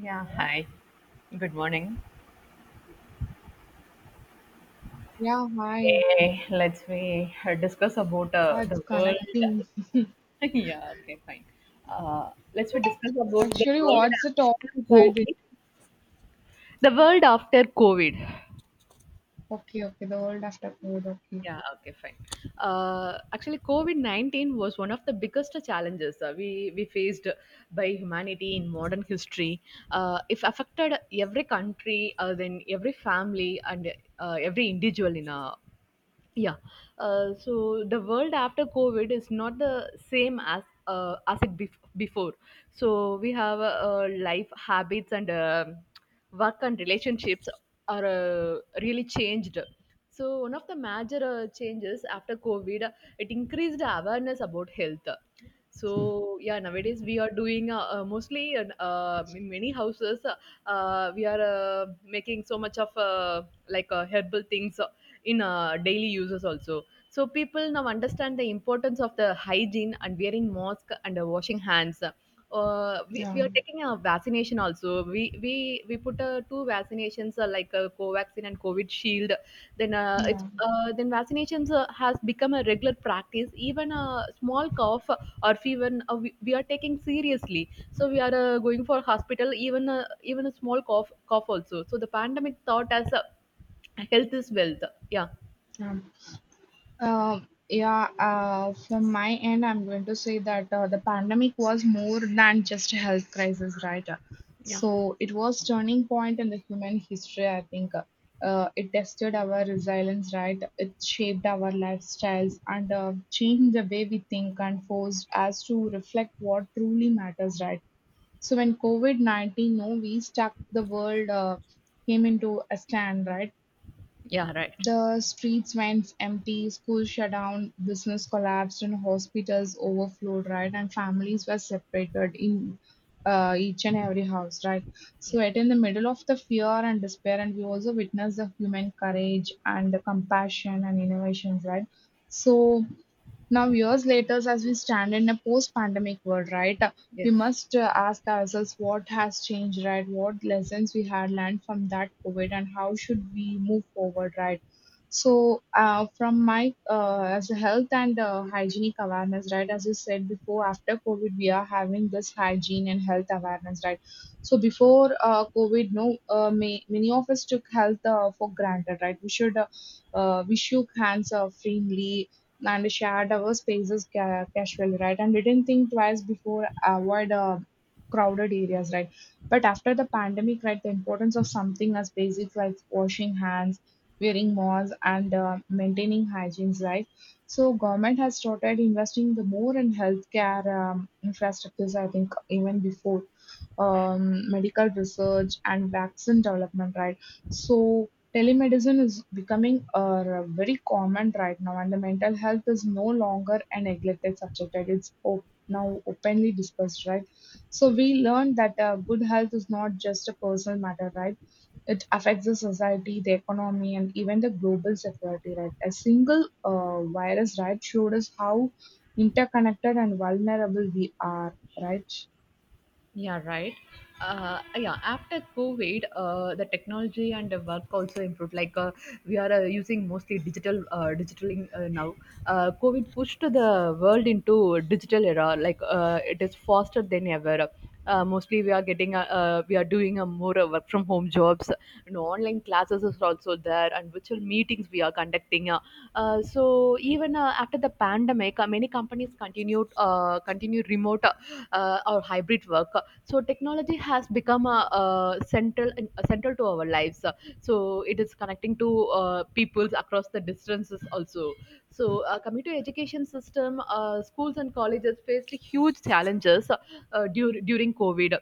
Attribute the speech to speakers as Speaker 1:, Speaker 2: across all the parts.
Speaker 1: Yeah, hi. Good morning.
Speaker 2: Yeah, hi.
Speaker 1: Okay, let's we discuss about
Speaker 2: What's
Speaker 1: the world.
Speaker 2: connecting.
Speaker 1: yeah, okay, fine. Let's we discuss about the
Speaker 2: Actually,
Speaker 1: world
Speaker 2: what's the
Speaker 1: after
Speaker 2: topic? I did.
Speaker 1: COVID. The world after COVID.
Speaker 2: Okay, okay. The world after COVID. Okay.
Speaker 1: Yeah, okay, fine. COVID 19 was one of the biggest challenges we faced by humanity in modern history. It affected every country, then every family, and every individual in a Yeah. So the world after COVID is not the same as as it before. So we have life habits and work and relationships are really changed. So one of the major changes after COVID, it increased awareness about health. So yeah, nowadays we are doing mostly in many houses, we are making so much of herbal things in daily uses also. So people now understand the importance of the hygiene and wearing mask and washing hands. uh, we,
Speaker 2: Yeah,
Speaker 1: we are taking a vaccination also. We put two vaccinations like covaxin and covid shield. then uh, it's
Speaker 2: yeah,
Speaker 1: uh, then vaccinations has become a regular practice. Even a small cough or fever, we are taking seriously, so we are going for hospital even even a small cough cough also. So the pandemic taught us, health is wealth. Yeah.
Speaker 2: yeah. Uh, yeah. From my end, I'm going to say that the pandemic was more than just a health crisis, right?
Speaker 1: Yeah.
Speaker 2: So it was turning point in the human history. I think it tested our resilience, right? It shaped our lifestyles and changed the way we think and forced us to reflect what truly matters, right? So when COVID-19 no, we stuck the world came into a stand, right?
Speaker 1: Yeah, right.
Speaker 2: The streets went empty, schools shut down, business collapsed, and hospitals overflowed, right? And families were separated in each and every house, right?
Speaker 1: Yeah.
Speaker 2: So it in the middle of the fear and despair, and we also witnessed the human courage and the compassion and innovations, right? So now, years later, as we stand in a post-pandemic world, right, we
Speaker 1: Yes.
Speaker 2: must ask ourselves what has changed, right? What lessons we had learned from that COVID, and how should we move forward, right? So, from my as a health and hygienic awareness, right? As you said before, after COVID, we are having this hygiene and health awareness, right? So, before COVID, no, may, many of us took health for granted, right? We shook hands freely and shared our spaces casually, right? And didn't think twice before avoid crowded areas, right? But after the pandemic, right, the importance of something as basic like washing hands, wearing masks, and maintaining hygiene, right? So government has started investing the more in healthcare infrastructures. I think even before medical research and vaccine development, right? So telemedicine is becoming a very common right now, and the mental health is no longer a neglected subject. Right? Now openly discussed, right? So we learned that good health is not just a personal matter, right? It affects the society, the economy, and even the global security, right? A single virus, right, showed us how interconnected and vulnerable we are, right?
Speaker 1: Yeah, right. Yeah, After COVID, the technology and the work also improved. Like we are using mostly digitaling now. COVID pushed the world into digital era. Like it is faster than ever. Mostly we are we are doing a more work from home jobs. You know, online classes is also there, and virtual meetings we are conducting. So even after the pandemic, many companies continue remote or hybrid work. So technology has become a, uh central a central to our lives. So it is connecting to peoples across the distances also. So coming to education system, schools and colleges faced huge challenges, during covid.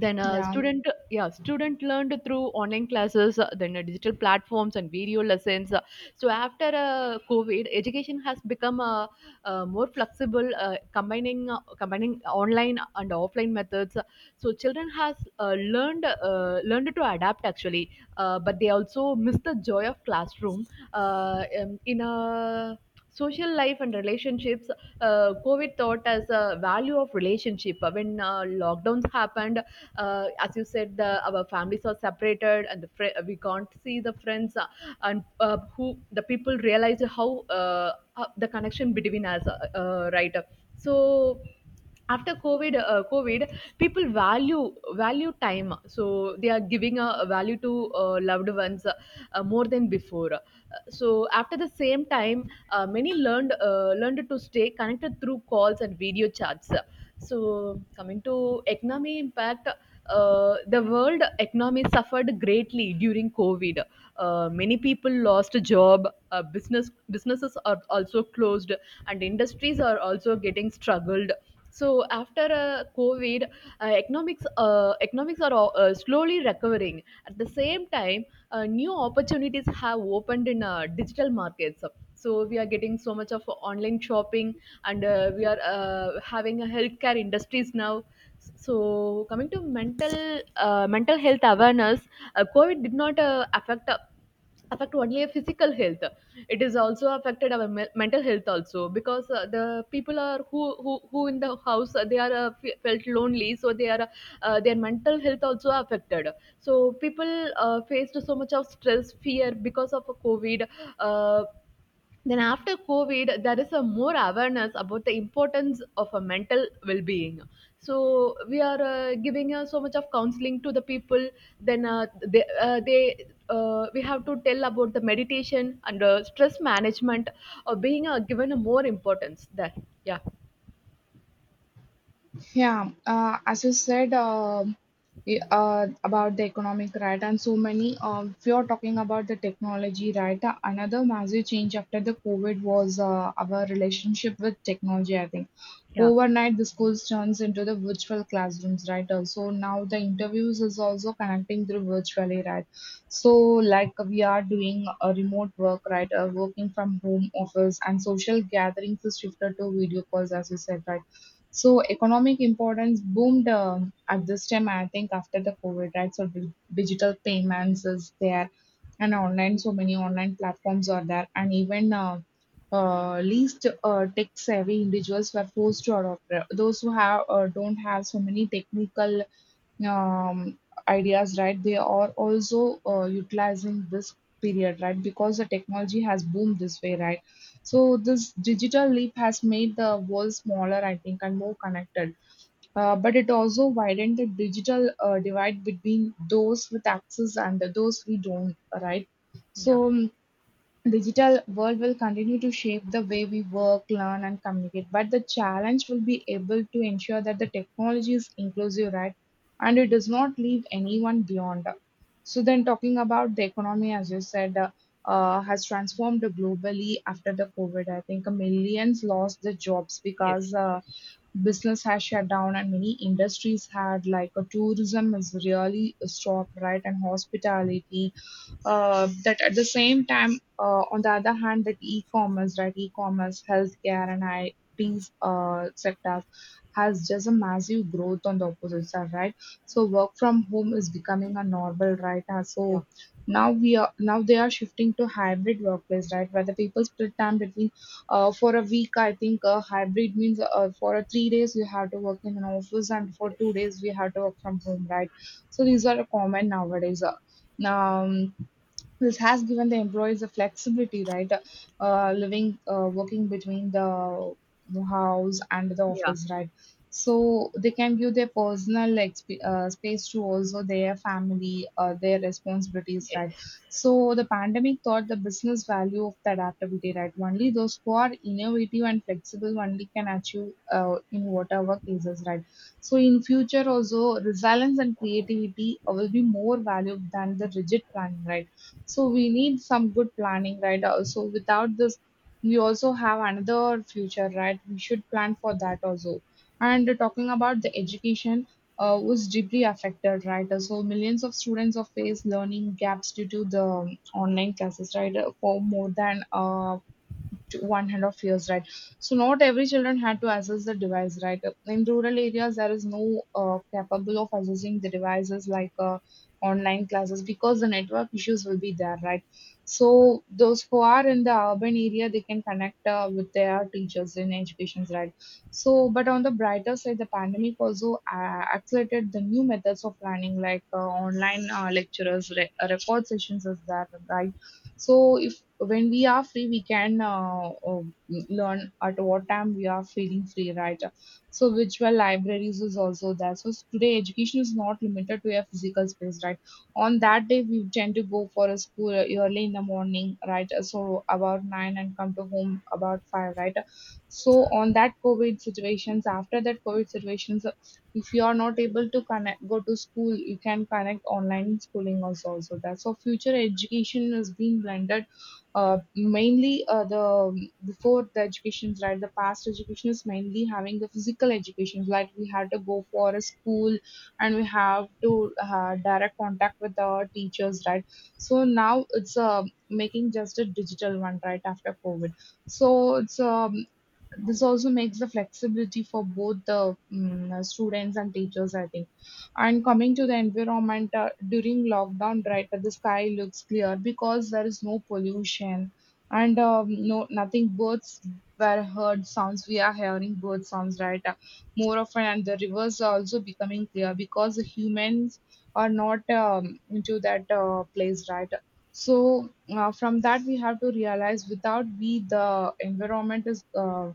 Speaker 1: Then a
Speaker 2: Yeah.
Speaker 1: student learned through online classes, then digital platforms and video lessons. So after covid, education has become more flexible, combining online and offline methods. So children has learned to adapt actually. Uh, but they also miss the joy of classroom in a social life and relationships. Uh, COVID taught us a value of relationship. When lockdowns happened, as you said, our families are separated, and we can't see the friends, and who the people realized how the connection between us, right? So after covid, people value time. So they are giving a value to loved ones more than before. Uh, so after the same time, many learned to stay connected through calls and video chats. So, coming to economy impact, the world economy suffered greatly during COVID. Many people lost a job. Businesses are also closed, and industries are also getting struggled. So after COVID, economics are slowly recovering. At the same time, new opportunities have opened in digital markets. So we are getting so much of online shopping, and we are having a healthcare industries now. So coming to mental health awareness, covid did not affect only a physical health. It is also affected our mental health also, because the people are who in the house, they felt lonely. So they are their mental health also affected. So people faced so much of stress fear because of covid. Uh, then after COVID, there is a more awareness about the importance of a mental well-being. So we are giving so much of counseling to the people. Then they we have to tell about the meditation and stress management or being given a more importance there. Yeah.
Speaker 2: Yeah, as you said, about the economic right, and so many. If you're talking about the technology right, another massive change after the COVID was our relationship with technology. I think
Speaker 1: Yeah,
Speaker 2: overnight the schools turns into the virtual classrooms, right? So now the interviews is also connecting through virtually, right? So like we are doing a remote work, right? Working from home office and social gatherings is shifted to video calls, as you said, right? So economic importance boomed at this time, I think, after the COVID, right? So digital payments is there, and online, so many online platforms are there, and even least tech-savvy individuals were forced to adopt. Those who have don't have so many technical um, ideas, right? They are also utilizing this period, right? Because the technology has boomed this way, right? So this digital leap has made the world smaller, I think, and more connected. But it also widened the digital divide between those with access and those who don't, right?
Speaker 1: yeah,
Speaker 2: So digital world will continue to shape the way we work, learn, and communicate. But the challenge will be able to ensure that the technology is inclusive, right? And it does not leave anyone beyond. So then, talking about the economy, as you said, has transformed globally after the COVID. I think millions lost their jobs
Speaker 1: yes,
Speaker 2: because
Speaker 1: of course.
Speaker 2: business has shut down and many industries had like tourism is really stopped, right? And hospitality, that at the same time, on the other hand, that e-commerce, right, e-commerce, healthcare, and I IT's sectors has just a massive growth on the opposite side, right? So work from home is becoming a normal, right?
Speaker 1: Yeah.
Speaker 2: So now they are shifting to hybrid workplace, right? Where the people split time between for a week. I think hybrid means for a 3 days you have to work in an office, and for two
Speaker 1: Yes,
Speaker 2: days we have to work from home, right? So these are common nowadays. This has given the employees the flexibility, right? Working between the house and the
Speaker 1: yeah,
Speaker 2: office, right? So they can give their personal space to also their family, their responsibilities,
Speaker 1: yes.
Speaker 2: right? So the pandemic taught the business value of the adaptability, right? Only those who are innovative and flexible only can achieve in whatever cases, right? So in future also resilience and creativity will be more valued than the rigid planning, right? So we need some good planning, right? So without this, we also have another future, right? We should plan for that also. And talking about the education, was deeply affected, right? So millions of students have faced learning gaps due to the online classes, right? For more than to 100 years, right. So not every children had to access the device, right. In rural areas there is no capable of accessing the devices like online classes because the network issues will be there, right. So those who are in the urban area they can connect with their teachers in educations, right. So but on the brighter side the pandemic also accelerated the new methods of learning like online lecturers record sessions is there, right. So if when we are free we can learn at what time we are feeling free, right. So virtual libraries is also there, so today education is not limited to a physical space, right. On that day we tend to go for a school early in the morning, right, so about 9 and come to home about 5, right. So on that covid situations after that covid situations, if you are not able to connect go to school you can connect online schooling also also that. So future education is being blended, mainly the before the educations, right, the past education is mainly having the physical education like we had to go for a school and we have to direct contact with our teachers, right. So now it's making just a digital one, right, after covid. So it's um, this also makes the flexibility for both the students and teachers, I think. And coming to the environment, during lockdown, right, the sky looks clear because there is no pollution and no nothing birds were heard sounds, we are hearing bird sounds, right, more often, and the rivers are also becoming clear because the humans are not into that place, right. So from that we have to realize without we the environment is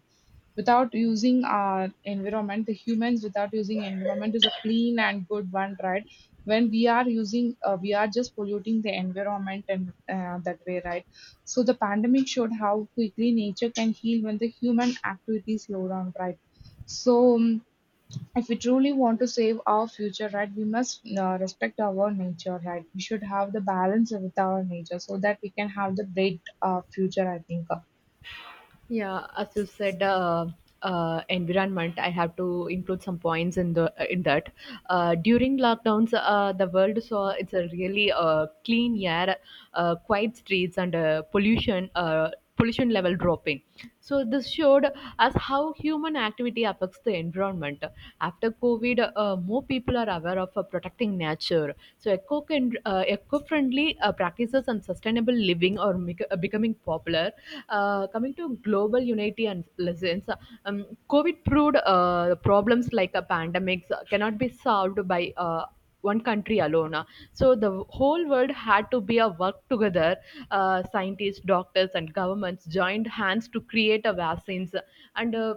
Speaker 2: without using our environment, the humans without using environment is a clean and good one, right. When we are using, we are just polluting the environment and that way, right. So the pandemic showed how quickly nature can heal when the human activities slow down, right. So if we truly want to save our future, right, we must respect our nature, right, we should have the balance with our nature so that we can have the great future, I think.
Speaker 1: Yeah, as you said, environment. I have to include some points in the in that. During lockdowns, the world saw it's a really clean air, quiet streets, and pollution level dropping. So this showed us how human activity affects the environment. After COVID, more people are aware of protecting nature. So eco-friendly practices on sustainable living are becoming popular. Coming to global unity and lessons, COVID proved problems like pandemics cannot be solved by one country alone. So the whole world had to be a work together. Scientists, doctors, and governments joined hands to create a vaccines and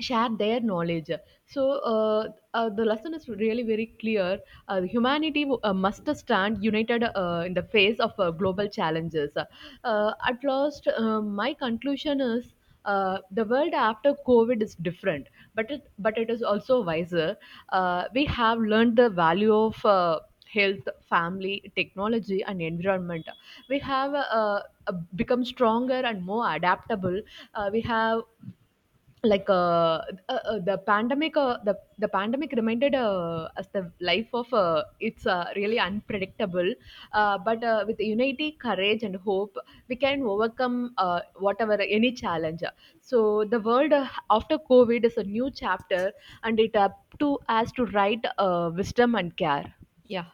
Speaker 1: share their knowledge. So the lesson is really very clear. Humanity must stand united in the face of global challenges. At last, my conclusion is, the world after COVID is different, but it is also wiser. We have learned the value of health, family, technology, and environment. We have become stronger and more adaptable. Uh, we have like the pandemic reminded us the life of it's really unpredictable. Uh, but with unity courage and hope, we can overcome whatever any challenge. So the world after covid is a new chapter, and it up to us to write wisdom and care. Yeah.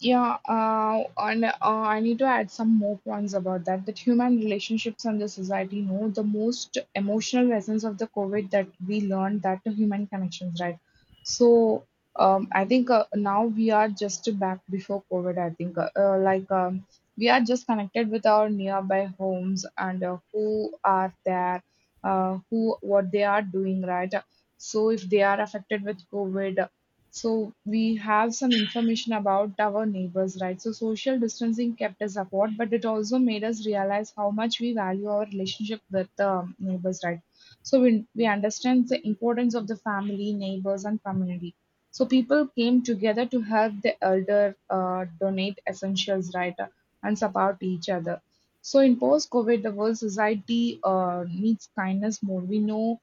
Speaker 2: Yeah, and I need to add some more points about that. That human relationships and the society know the most emotional lessons of the COVID that we learned that the human connections, right? So I think now we are just back before COVID. I think like we are just connected with our nearby homes and who are there, who what they are doing, right? So if they are affected with COVID. So we have some information about our neighbors, right? So social distancing kept us apart, but it also made us realize how much we value our relationship with the neighbors, right? So we understand the importance of the family, neighbors, and community. So people came together to help the elder, donate essentials, right, and support each other. So in post-COVID, the world society needs kindness more. We know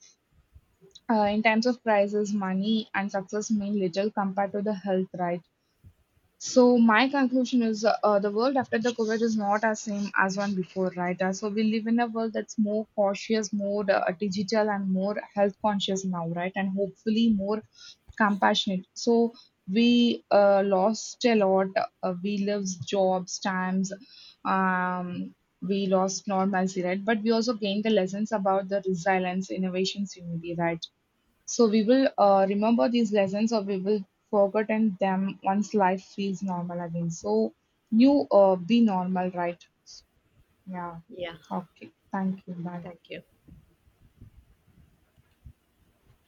Speaker 2: in terms of prizes, money and success mean little compared to the health, right? So my conclusion is the world after the COVID is not as same as one before, right? So we live in a world that's more cautious, more digital, and more health conscious now, right? And hopefully more compassionate. So we lost a lot. We lost jobs, times, um, we lost normalcy, right? But we also gained the lessons about the resilience, innovations, unity, right? So we will remember these lessons or we will forgotten them once life feels normal again. So you be normal, right? Yeah.
Speaker 1: Yeah.
Speaker 2: Okay. Thank you. Bye.
Speaker 1: Thank you.